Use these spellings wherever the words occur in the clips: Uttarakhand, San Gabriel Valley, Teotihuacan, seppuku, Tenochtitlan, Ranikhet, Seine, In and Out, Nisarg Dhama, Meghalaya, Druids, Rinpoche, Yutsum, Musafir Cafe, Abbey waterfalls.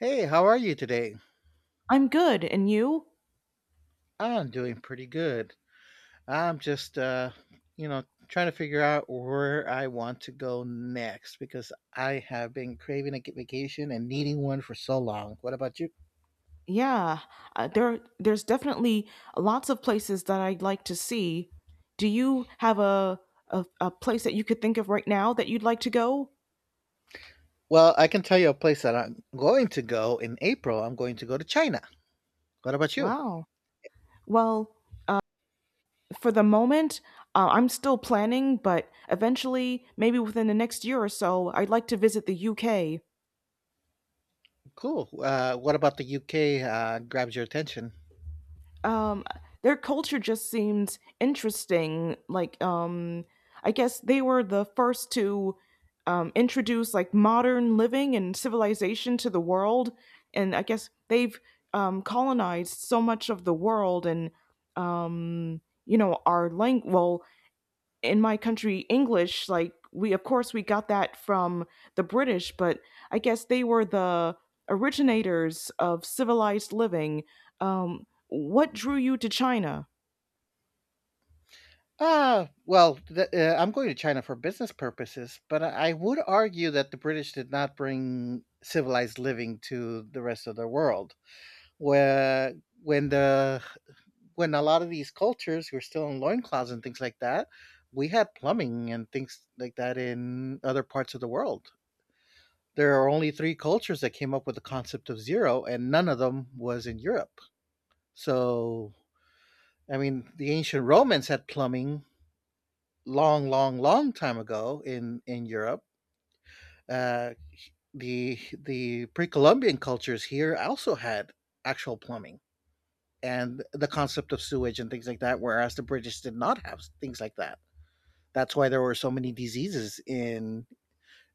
Hey, how are you today? I'm good, and you? I'm doing pretty good. I'm just, trying to figure out where I want to go next because I have been craving a vacation and needing one for so long. What about you? Yeah, there's definitely lots of places that I'd like to see. Do you have a place that you could think of right now that you'd like to go? Well, I can tell you a place that I'm going to go in April. I'm going to go to China. What about you? Wow. Well, for the moment, I'm still planning, but eventually, maybe within the next year or so, I'd like to visit the UK. Cool. What about the UK grabs your attention? um their culture just seemed interesting, like, I guess they were the first to introduce, like, modern living and civilization to the world. And I guess they've colonized so much of the world, and um you know, our language, well, in my country English, like, we, of course, we got that from the British. But I guess they were the originators of civilized living. What drew you to China? Ah, well, I'm going to China for business purposes, but I would argue that the British did not bring civilized living to the rest of the world. Where when the When a lot of these cultures were still in loincloths and things like that, we had plumbing and things like that in other parts of the world. There are only three cultures that came up with the concept of zero, and none of them was in Europe. So, I mean, the ancient Romans had plumbing long, long, long time ago in Europe. Uh, the pre-Columbian cultures here also had actual plumbing and the concept of sewage and things like that, whereas the British did not have things like that. That's why there were so many diseases in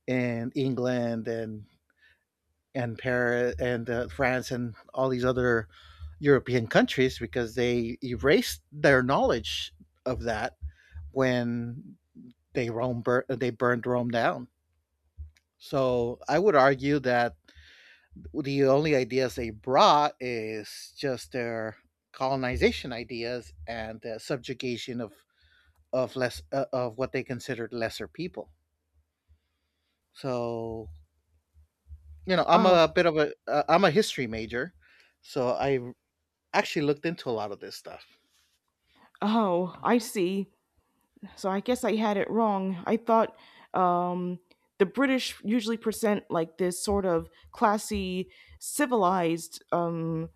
England and Paris and France and all these other European countries because they erased their knowledge of that when they burned Rome down. So I would argue that the only ideas they brought is just their colonization ideas and the subjugation of less of what they considered lesser people. So you know, I'm Oh, a bit of a I'm a history major, so I actually looked into a lot of this stuff. oh, I see. So I guess I had it wrong. I thought um, the British usually present like this sort of classy, civilized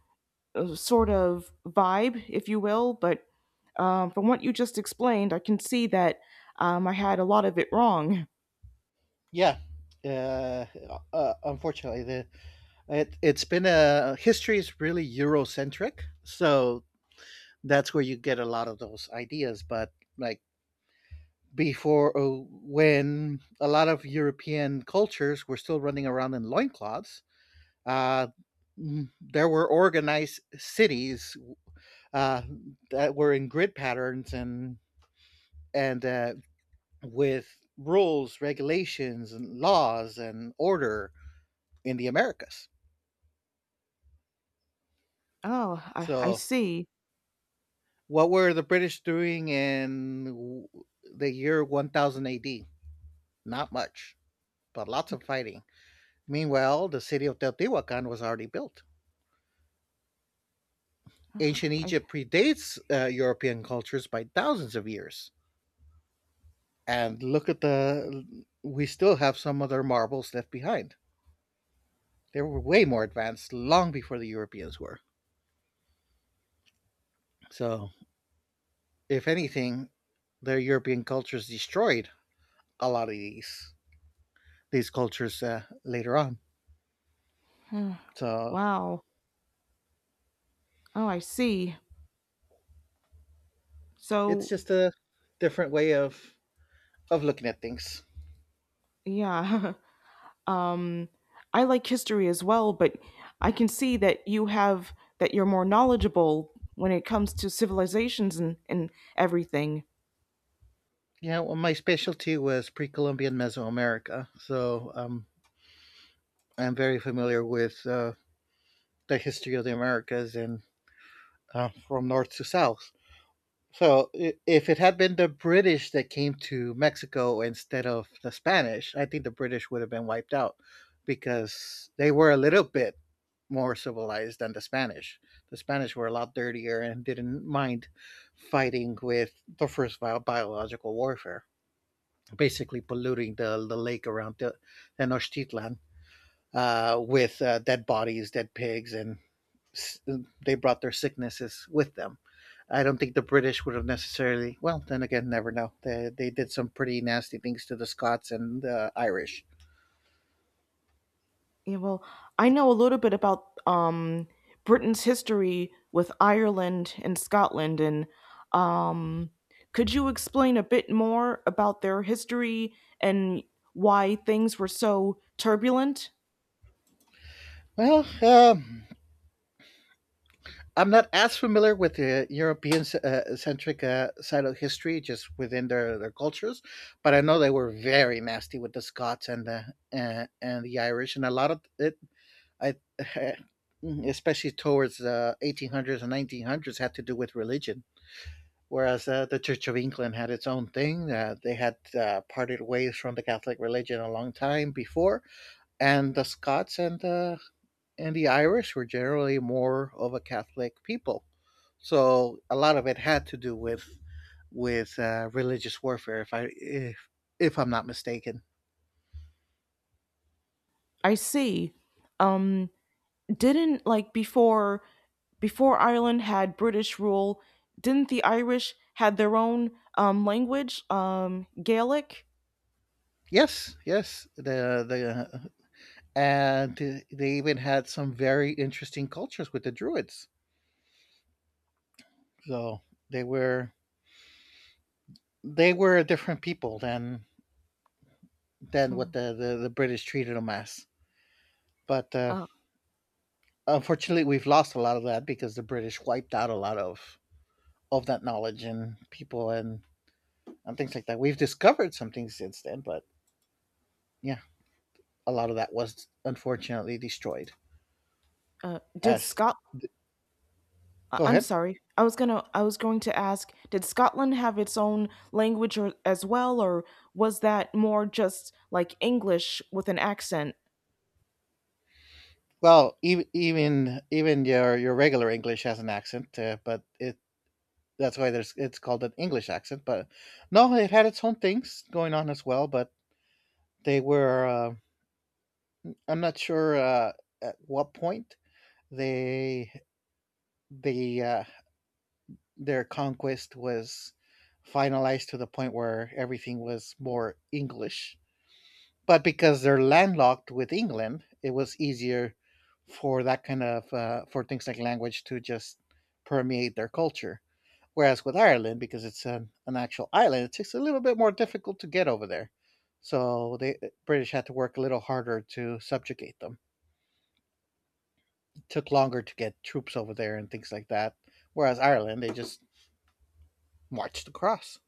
sort of vibe, if you will, but from what you just explained, I can see that I had a lot of it wrong. Yeah. Uh, Unfortunately, it's been a history is really Eurocentric, so that's where you get a lot of those ideas. But like before when a lot of European cultures were still running around in loincloths, uh, there were organized cities uh, that were in grid patterns and with rules, regulations, and laws and order in the Americas. Oh, I So, see. what were the British doing in the year 1000 AD? Not much, but lots of fighting. Meanwhile, the city of Teotihuacan was already built. Ancient I Egypt predates European cultures by thousands of years. And look at the, we still have some of their marbles left behind. They were way more advanced long before the Europeans were. So, if anything, their European cultures destroyed a lot of these cultures later on. So wow. Oh, I see. it's So just a different way of looking at things. yeah. um, I like history as well, but I can see that you have that you're more knowledgeable when it comes to civilizations and everything. Yeah, well, my specialty was pre-Columbian Mesoamerica, so I'm very familiar with the history of the Americas and from north to south. So if it had been the British that came to Mexico instead of the Spanish, I think the British would have been wiped out because they were a little bit more civilized than the Spanish. The Spanish were a lot dirtier and didn't mind fighting with the first biological warfare, basically polluting the lake around the Tenochtitlan with dead bodies, dead pigs, and they brought their sicknesses with them. I don't think the British would have necessarily. Well, then again, never know. They did some pretty nasty things to the Scots and the Irish. Yeah, well, I know a little bit about Britain's history with Ireland and Scotland, and um, could you explain a bit more about their history and why things were so turbulent? Well, I'm not as familiar with the European centric side of history, just within their cultures, but I know they were very nasty with the Scots and the Irish, and a lot of it, I especially towards the 1800s and 1900s, had to do with religion. Whereas the Church of England had its own thing. They had parted ways from the Catholic religion a long time before, and the Scots and the Irish were generally more of a Catholic people. So a lot of it had to do with religious warfare, if I'm not mistaken. I see. Um, didn't, like, before Ireland had British rule, didn't the Irish had their own language, Gaelic? Yes, yes. And they even had some very interesting cultures with the Druids. So they were they were a different people than Hmm. The British treated them as. But Uh, unfortunately, we've lost a lot of that because the British wiped out a lot of that knowledge and people and things like that. We've discovered some things since then, but yeah, a lot of that was unfortunately destroyed. Did As Scotland I- go I'm ahead. sorry. I was gonna. I was going to ask. Did Scotland have its own language or, as well, or was that more just like English with an accent? Well, even your regular English has an accent, but it that's why there's it's called an English accent. But no, it had its own things going on as well. But they were I'm not sure at what point they they their conquest was finalized to the point where everything was more English. But because they're landlocked with England, it was easier for that kind of for things like language to just permeate their culture. Whereas with Ireland, because it's an actual island, it's just a little bit more difficult to get over there. So the British had to work a little harder to subjugate them. It took longer to get troops over there and things like that. Whereas Ireland, they just march to cross.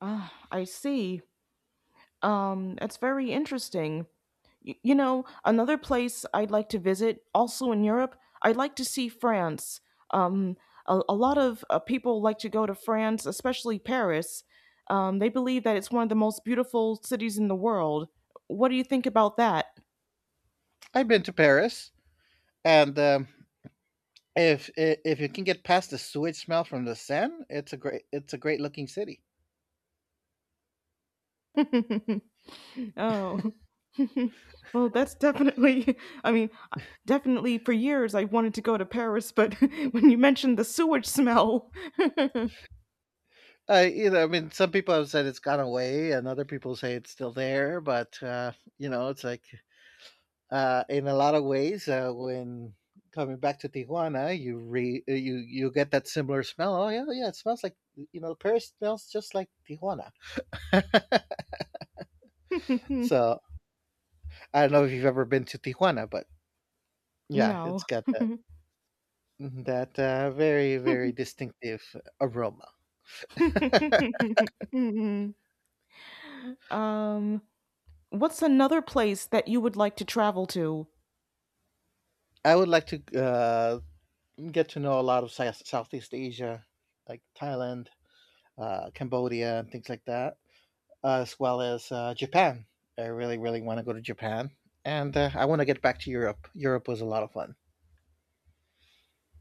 Ah, I see. That's very interesting. Y- you know, another place I'd like to visit, also in Europe, I'd like to see France. Um, a lot of people like to go to France, especially Paris. They believe that it's one of the most beautiful cities in the world. What do you think about that? I've been to Paris, and if you can get past the sewage smell from the Seine, it's a great looking city. Oh, well, that's definitely, I mean, I- definitely for years I wanted to go to Paris, but when you mentioned the sewage smell, You know, I mean, some people have said it's gone away, and other people say it's still there. But you know, it's like in a lot of ways when coming back to Tijuana, you get that similar smell. Oh yeah, yeah, it smells like you know Paris smells just like Tijuana. So I don't know if you've ever been to Tijuana, but yeah, no. it's got that. That very, very distinctive aroma. Um, what's another place that you would like to travel to? I would like to get to know a lot of Southeast Asia, like Thailand, Cambodia, and things like that, as well as Japan. I really, really want to go to Japan, and I want to get back to Europe. Europe was a lot of fun.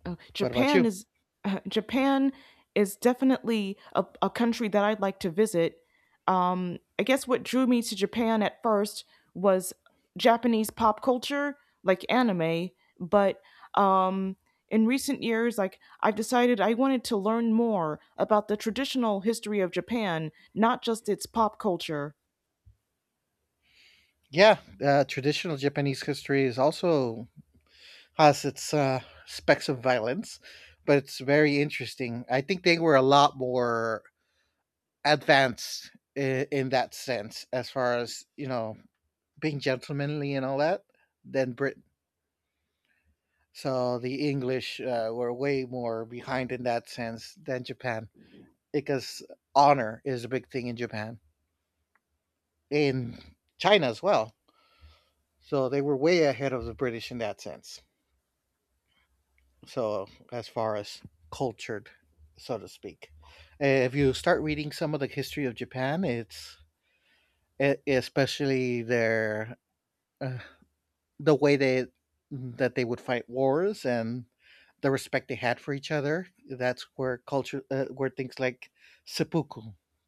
Uh, What about Japan you? is Japan is definitely a country that I'd like to visit. I guess what drew me to Japan at first was Japanese pop culture, like anime. But um, in recent years, like, I've decided I wanted to learn more about the traditional history of Japan, not just its pop culture. Yeah, traditional Japanese history is also has its specks of violence, but it's very interesting. I think they were a lot more advanced in that sense as far as you know being gentlemanly and all that than Britain. So the English were way more behind in that sense than Japan because honor is a big thing in Japan, in China as well. So they were way ahead of the British in that sense. So as far as cultured, so to speak, if you start reading some of the history of Japan, especially their uh, the way they that they would fight wars and the respect they had for each other. That's where culture, where things like seppuku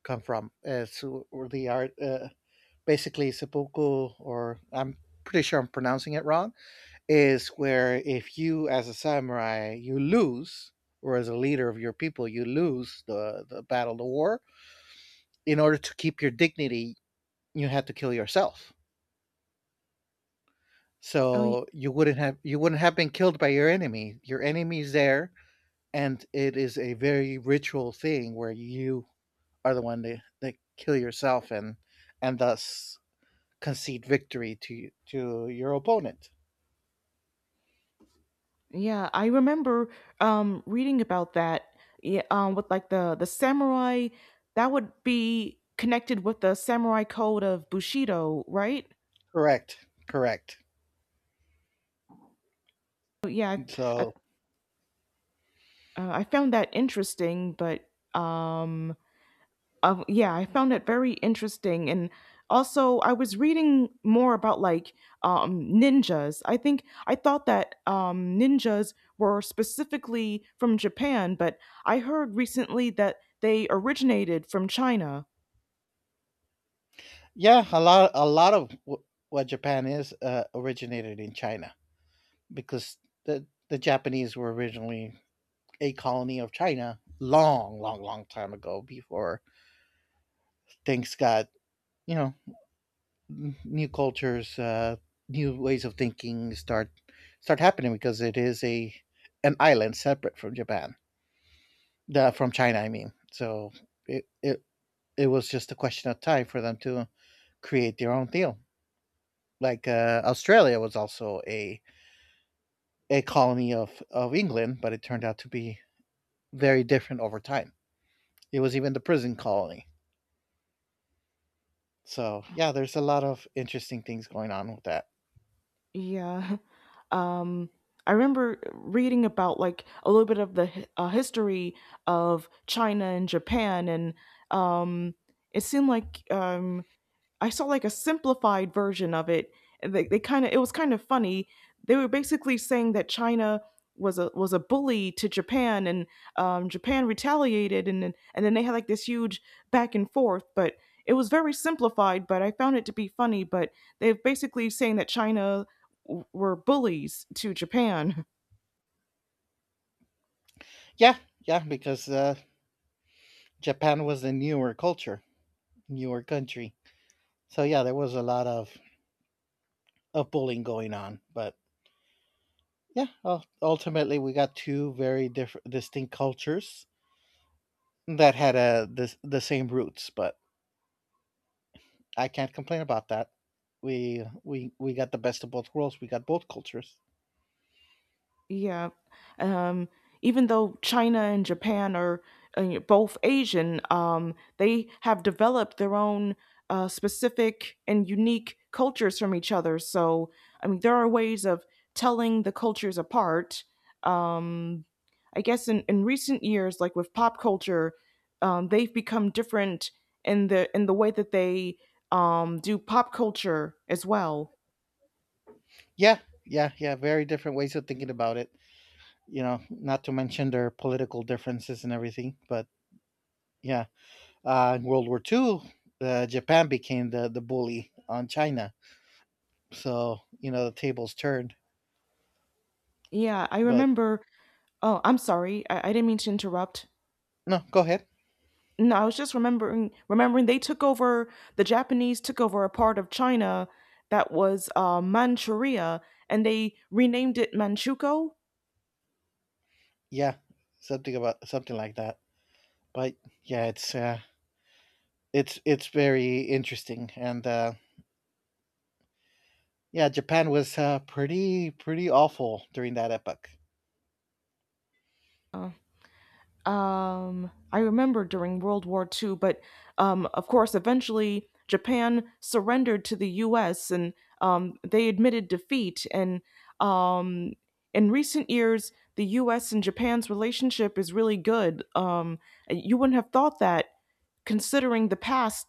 come from. So or the art, basically seppuku, or I'm pretty sure I'm pronouncing it wrong, is where if you as a samurai you lose, or as a leader of your people you lose the battle, the war. In order to keep your dignity, you had to kill yourself. Oh, So you wouldn't have been killed by your enemy. Your enemy's there, and it is a very ritual thing where you are the one that kill yourself and thus concede victory to your opponent. yeah, I remember reading about that. Yeah, um, with like the samurai that would be connected with the samurai code of Bushido, right? Correct, correct. Yeah, I So I found that interesting, but um yeah, I found it very interesting. And also, I was reading more about, like, ninjas. I think I thought that, ninjas were specifically from Japan, but I heard recently that they originated from China. yeah, a lot of what Japan is originated in China because the Japanese were originally a colony of China long, long, long time ago before things got you know new cultures, new ways of thinking start happening because it is a an island separate from Japan, from China. I mean, so it, it it was just a question of time for them to create their own deal. Like Australia was also a colony of England, but it turned out to be very different over time. It was even the prison colony. So yeah, there's a lot of interesting things going on with that. Yeah. Um, I remember reading about, like, a little bit of the history of China and Japan, and um, it seemed like I saw like a simplified version of it. And they kind of, it was kind of funny. They were basically saying that China was a bully to Japan, and Japan retaliated, and then they had like this huge back and forth. But it was very simplified. But I found it to be funny. But they're basically saying that China w- were bullies to Japan. Yeah, yeah, because Japan was a newer culture your country. So yeah, there was a lot of bullying going on, but yeah, ultimately we got two very different, distinct cultures that had the same roots. But I can't complain about that. We got the best of both worlds. We got both cultures. Yeah. Um, even though China and Japan are both Asian, they have developed their own specific and unique cultures from each other. So, I mean, there are ways of telling the cultures apart. Um, I guess in recent years, like with pop culture, they've become different in the way that they do pop culture as well. Yeah, yeah, yeah. Very different ways of thinking about it. You know, not to mention their political differences and everything. But yeah, in World War Two, Japan became the bully on China. So you know the tables turned. Yeah, I But remember. Oh, I'm sorry. I didn't mean to interrupt. no, go ahead. No, I was just remembering they took over, the Japanese took over a part of China that was Manchuria, and they renamed it Manchukuo. Yeah, something like that. But yeah, it's It's very interesting, and yeah, Japan was pretty awful during that epoch. I remember during World War II, but of course, eventually Japan surrendered to the US, and they admitted defeat, and um in recent years, the US and Japan's relationship is really good. You wouldn't have thought that, considering the past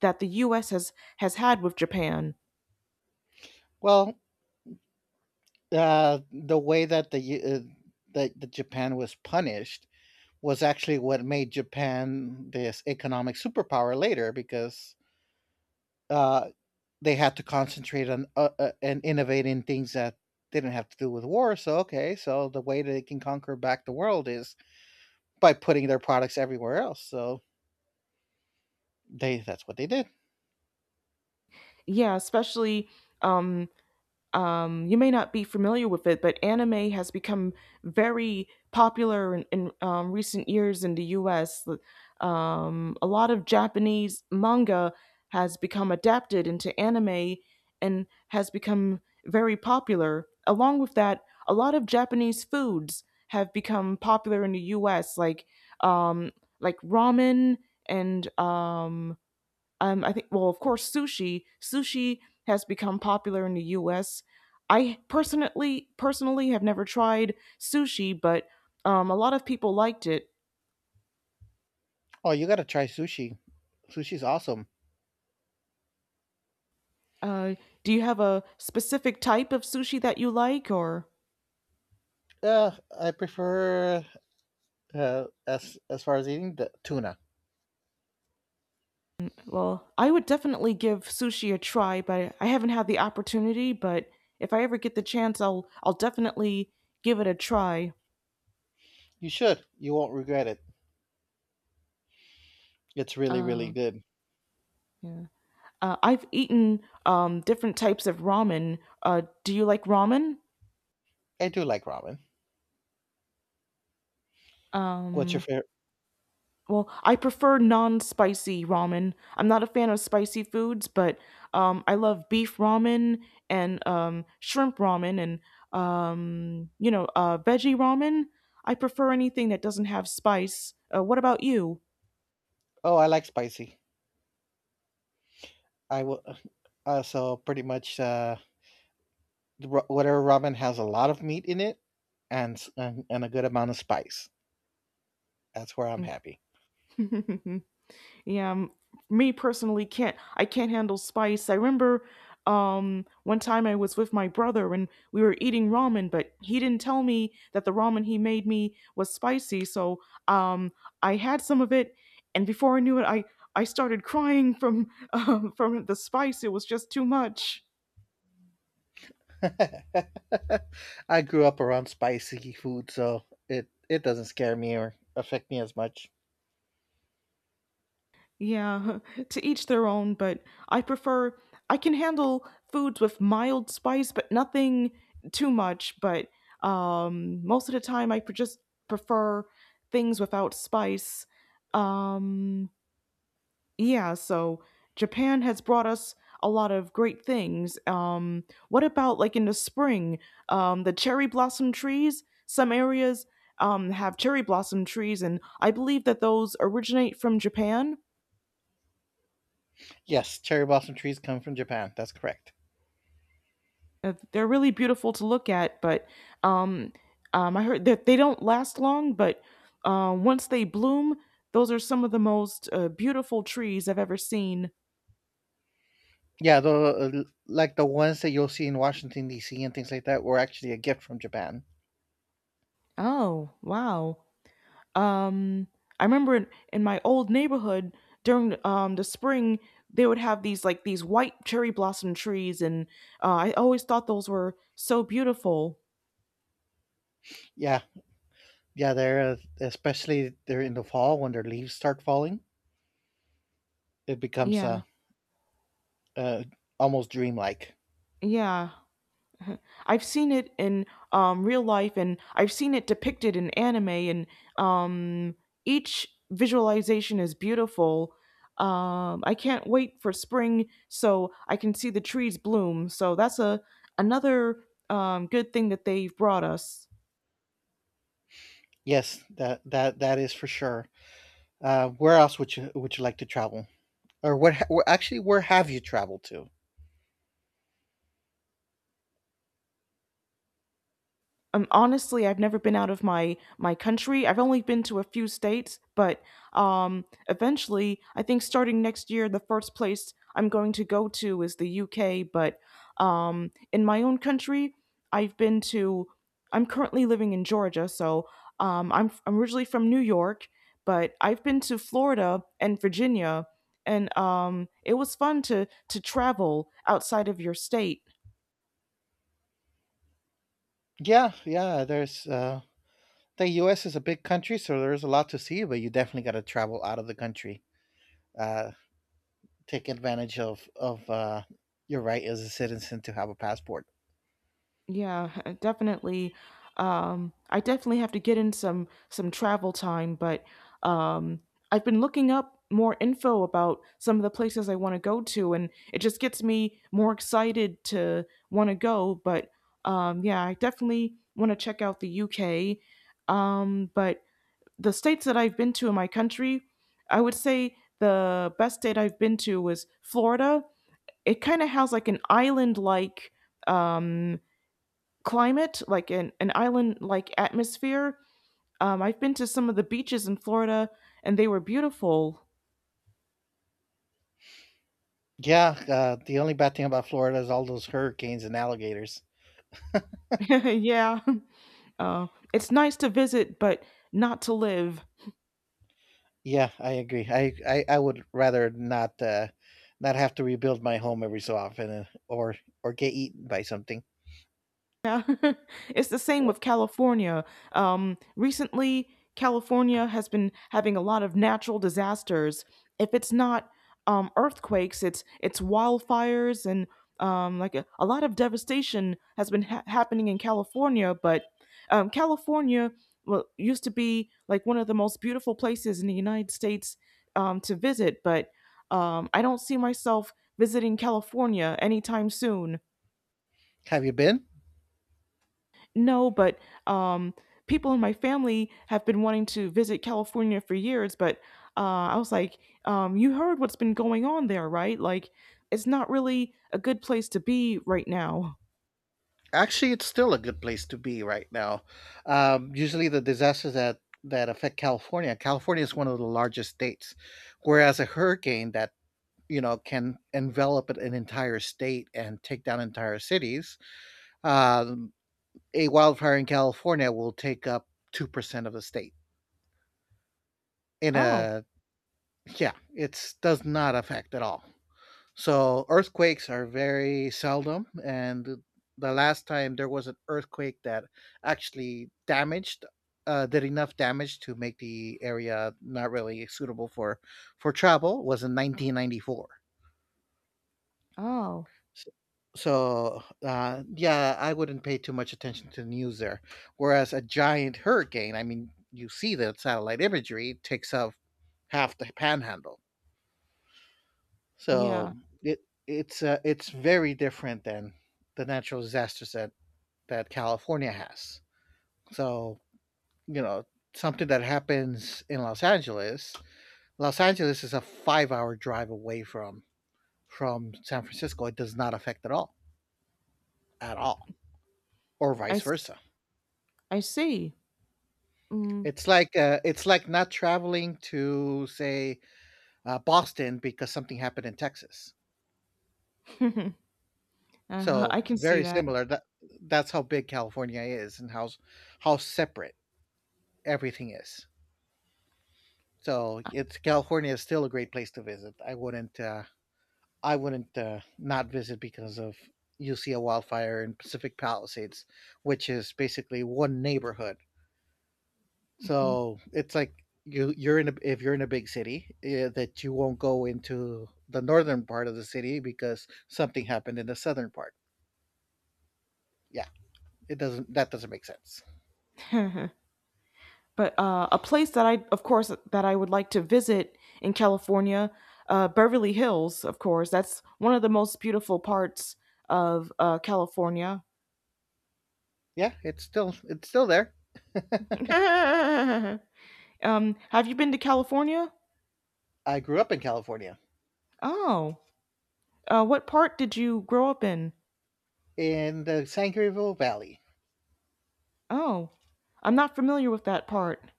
that the US has had with Japan. Well, the way that the Japan was punished was actually what made Japan this economic superpower later, because uh, they had to concentrate on and innovate in things that didn't have to do with war. So okay, so the way that they can conquer back the world is by putting their products everywhere else. So they that's what they did. Yeah, especially um you may not be familiar with it, but anime has become very popular in, recent years in the US. A lot of Japanese manga has become adapted into anime and has become very popular. Along with that, a lot of Japanese foods have become popular in the US, like, um, like ramen and I think, well, of course, sushi. Sushi has become popular in the US. I personally, personally, have never tried sushi, but a lot of people liked it. Oh, you gotta try sushi. Sushi's awesome. Uh, do you have a specific type of sushi that you like, or? Uh, I prefer as far as eating the tuna. Well, I would definitely give sushi a try, but I haven't had the opportunity. But if I ever get the chance, I'll definitely give it a try. You should. You won't regret it. It's really Uh, good. yeah. I've eaten different types of ramen. Do you like ramen? I do like ramen. What's your Um, favorite? well, I prefer non-spicy ramen. I'm not a fan of spicy foods, but I love beef ramen and shrimp ramen and you know, veggie ramen. I prefer anything that doesn't have spice. What about you? Oh, I like spicy. I will. So pretty much the whatever ramen has a lot of meat in it and, s- and a good amount of spice. That's where I'm happy. yeah m- Me personally, can't handle spice. I remember one time I was with my brother and we were eating ramen, but he didn't tell me that the ramen he made me was spicy, so um I had some of it, and before I knew it, I started crying from from the spice. It was just too much. I grew up around spicy food, so it doesn't scare me or affect me as much. Yeah, to each their own, but I prefer, I can handle foods with mild spice, but nothing too much, but most of the time I pre- just prefer things without spice. Um yeah, so Japan has brought us a lot of great things. Um, what about, like, in the spring, um, the cherry blossom trees? Some areas have cherry blossom trees, and I believe that those originate from Japan. Yes, cherry blossom trees come from Japan. That's correct. They're really beautiful to look at, but um, I heard that they don't last long, but once they bloom, those are some of the most beautiful trees I've ever seen. Yeah, the like the ones that you'll see in Washington D.C. and things like that were actually a gift from Japan. Oh, wow. Um, I remember in my old neighborhood during, the spring, they would have these, like, these white cherry blossom trees, and I always thought those were so beautiful. Yeah, yeah, they're especially they're in the fall when their leaves start falling. It becomes Yeah, uh almost dreamlike. yeah. I've seen it in real life, and I've seen it depicted in anime, and um, each visualization is beautiful. I can't wait for spring so I can see the trees bloom. So that's a another good thing that they've brought us. Yes, that is for sure. Where else would you like to travel, or what? Ha- wh- Actually, where have you traveled to? Um, honestly, I've never been out of my country. I've only been to a few states, but eventually, I think starting next year, the first place I'm going to go to is the UK. But in my own country, I've been to. I'm currently living in Georgia, so I'm originally from New York, but I've been to Florida and Virginia, and it was fun to travel outside of your state. Yeah, yeah. There's the U.S. is a big country, so there's a lot to see, but you definitely got to travel out of the country. Uh, take advantage of your right as a citizen to have a passport. Yeah, definitely. I definitely have to get in some travel time, but um, I've been looking up more info about some of the places I want to go to, and it just gets me more excited to want to go. But yeah, I definitely want to check out the UK. But the states that I've been to in my country, I would say the best state I've been to was Florida. It kind of has like an island like climate, like an island like atmosphere. I've been to some of the beaches in Florida, and they were beautiful. Yeah, the only bad thing about Florida is all those hurricanes and alligators. yeah. Uh, it's nice to visit, but not to live. Yeah, I agree. I would rather not not have to rebuild my home every so often, or get eaten by something. Yeah, it's the same But with California. Recently, California has been having a lot of natural disasters. If it's not earthquakes, it's wildfires, and like a lot of devastation has been happening in California. But California, well, used to be like one of the most beautiful places in the United States to visit. But I don't see myself visiting California anytime soon. have you been? No, but, um, people in my family have been wanting to visit California for years, but, uh, I was like, "You heard what's been going on there, right? Like, it's not really a good place to be right now." Actually, it's still a good place to be right now. Usually, the disasters that affect California, California is one of the largest states, whereas a hurricane that you know can envelop an entire state and take down entire cities, um, a wildfire in California will take up 2% of the state. In Oh, a yeah, it's does not affect at all. So earthquakes are very seldom, and the last time there was an earthquake that actually damaged, did enough damage to make the area not really suitable for travel was in 1994. oh, S- So yeah, I wouldn't pay too much attention to the news there. Whereas a giant hurricane, I mean, you see the satellite imagery takes up half the panhandle. yeah. So it it's very different than the natural disasters that California has. So you know something that happens in Los Angeles. Los Angeles is a 5 hour drive away from San Francisco. It does not affect at all, or I vice s versa. I see. Mm, It's like not traveling to say Boston because something happened in Texas. uh, So I can see very that. similar. That's how big California is and how separate everything is. So it's California is still a great place to visit. I wouldn't not visit because of you see a wildfire in Pacific Palisades, which is basically one neighborhood. So it's like you're in a, if you're in a big city that you won't go into the northern part of the city because something happened in the southern part. Yeah, it doesn't that doesn't make sense. But, a place that I would like to visit in California, Beverly Hills, of course, that's one of the most beautiful parts of, California. Yeah, it's still there. Have you been to California? I grew up in California Oh. What part did you grow up in? in the San Gabriel Valley. Oh. I'm not familiar with that part.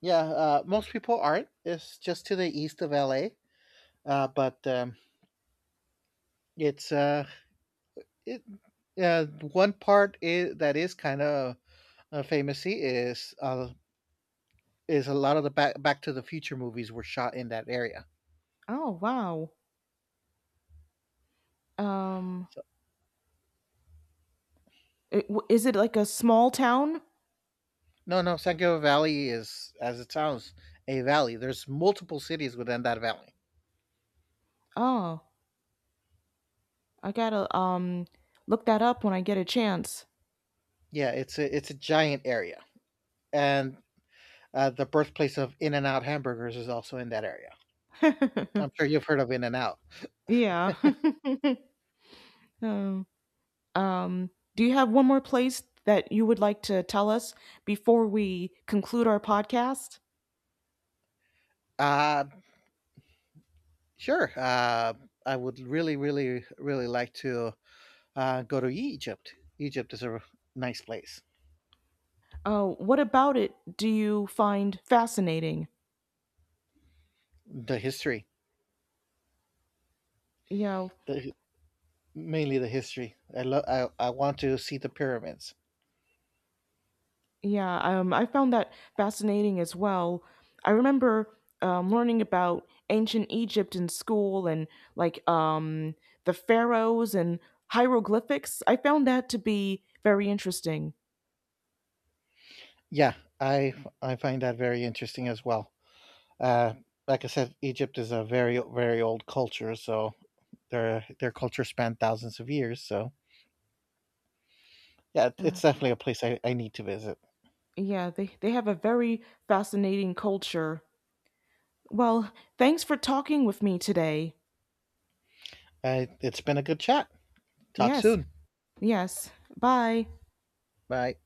Yeah, most people aren't. It's just to the east of LA, but it's uh, it, uh, one part is, that is kind of famousy is a lot of the Back to the Future movies were shot in that area. Oh, wow. Um, So is it like a small town? no, no, San Gabriel Valley is as it sounds a valley. There's multiple cities within that valley. Oh, I gotta, look that up when I get a chance. Yeah, it's a giant area, and the birthplace of In and Out hamburgers is also in that area. I'm sure you've heard of In and Out. yeah. um, um, do you have one more place that you would like to tell us before we conclude our podcast? Uh, Sure. I would really like to go to Egypt. Egypt is a nice place. What about it do you find fascinating? The history, Yeah, the, mainly the history. I love. I want to see the pyramids. yeah. I found that fascinating as well. I remember learning about ancient Egypt in school, and like, the pharaohs and hieroglyphics. I found that to be very interesting. Yeah, I I find that very interesting as well. Uh, like I said, Egypt is a very old culture, so their culture spanned thousands of years. So yeah, Uh, it's definitely a place I need to visit. yeah, they have a very fascinating culture. Well, thanks for talking with me today. It's been a good chat. Talk Yes, soon. yes. Bye. Bye.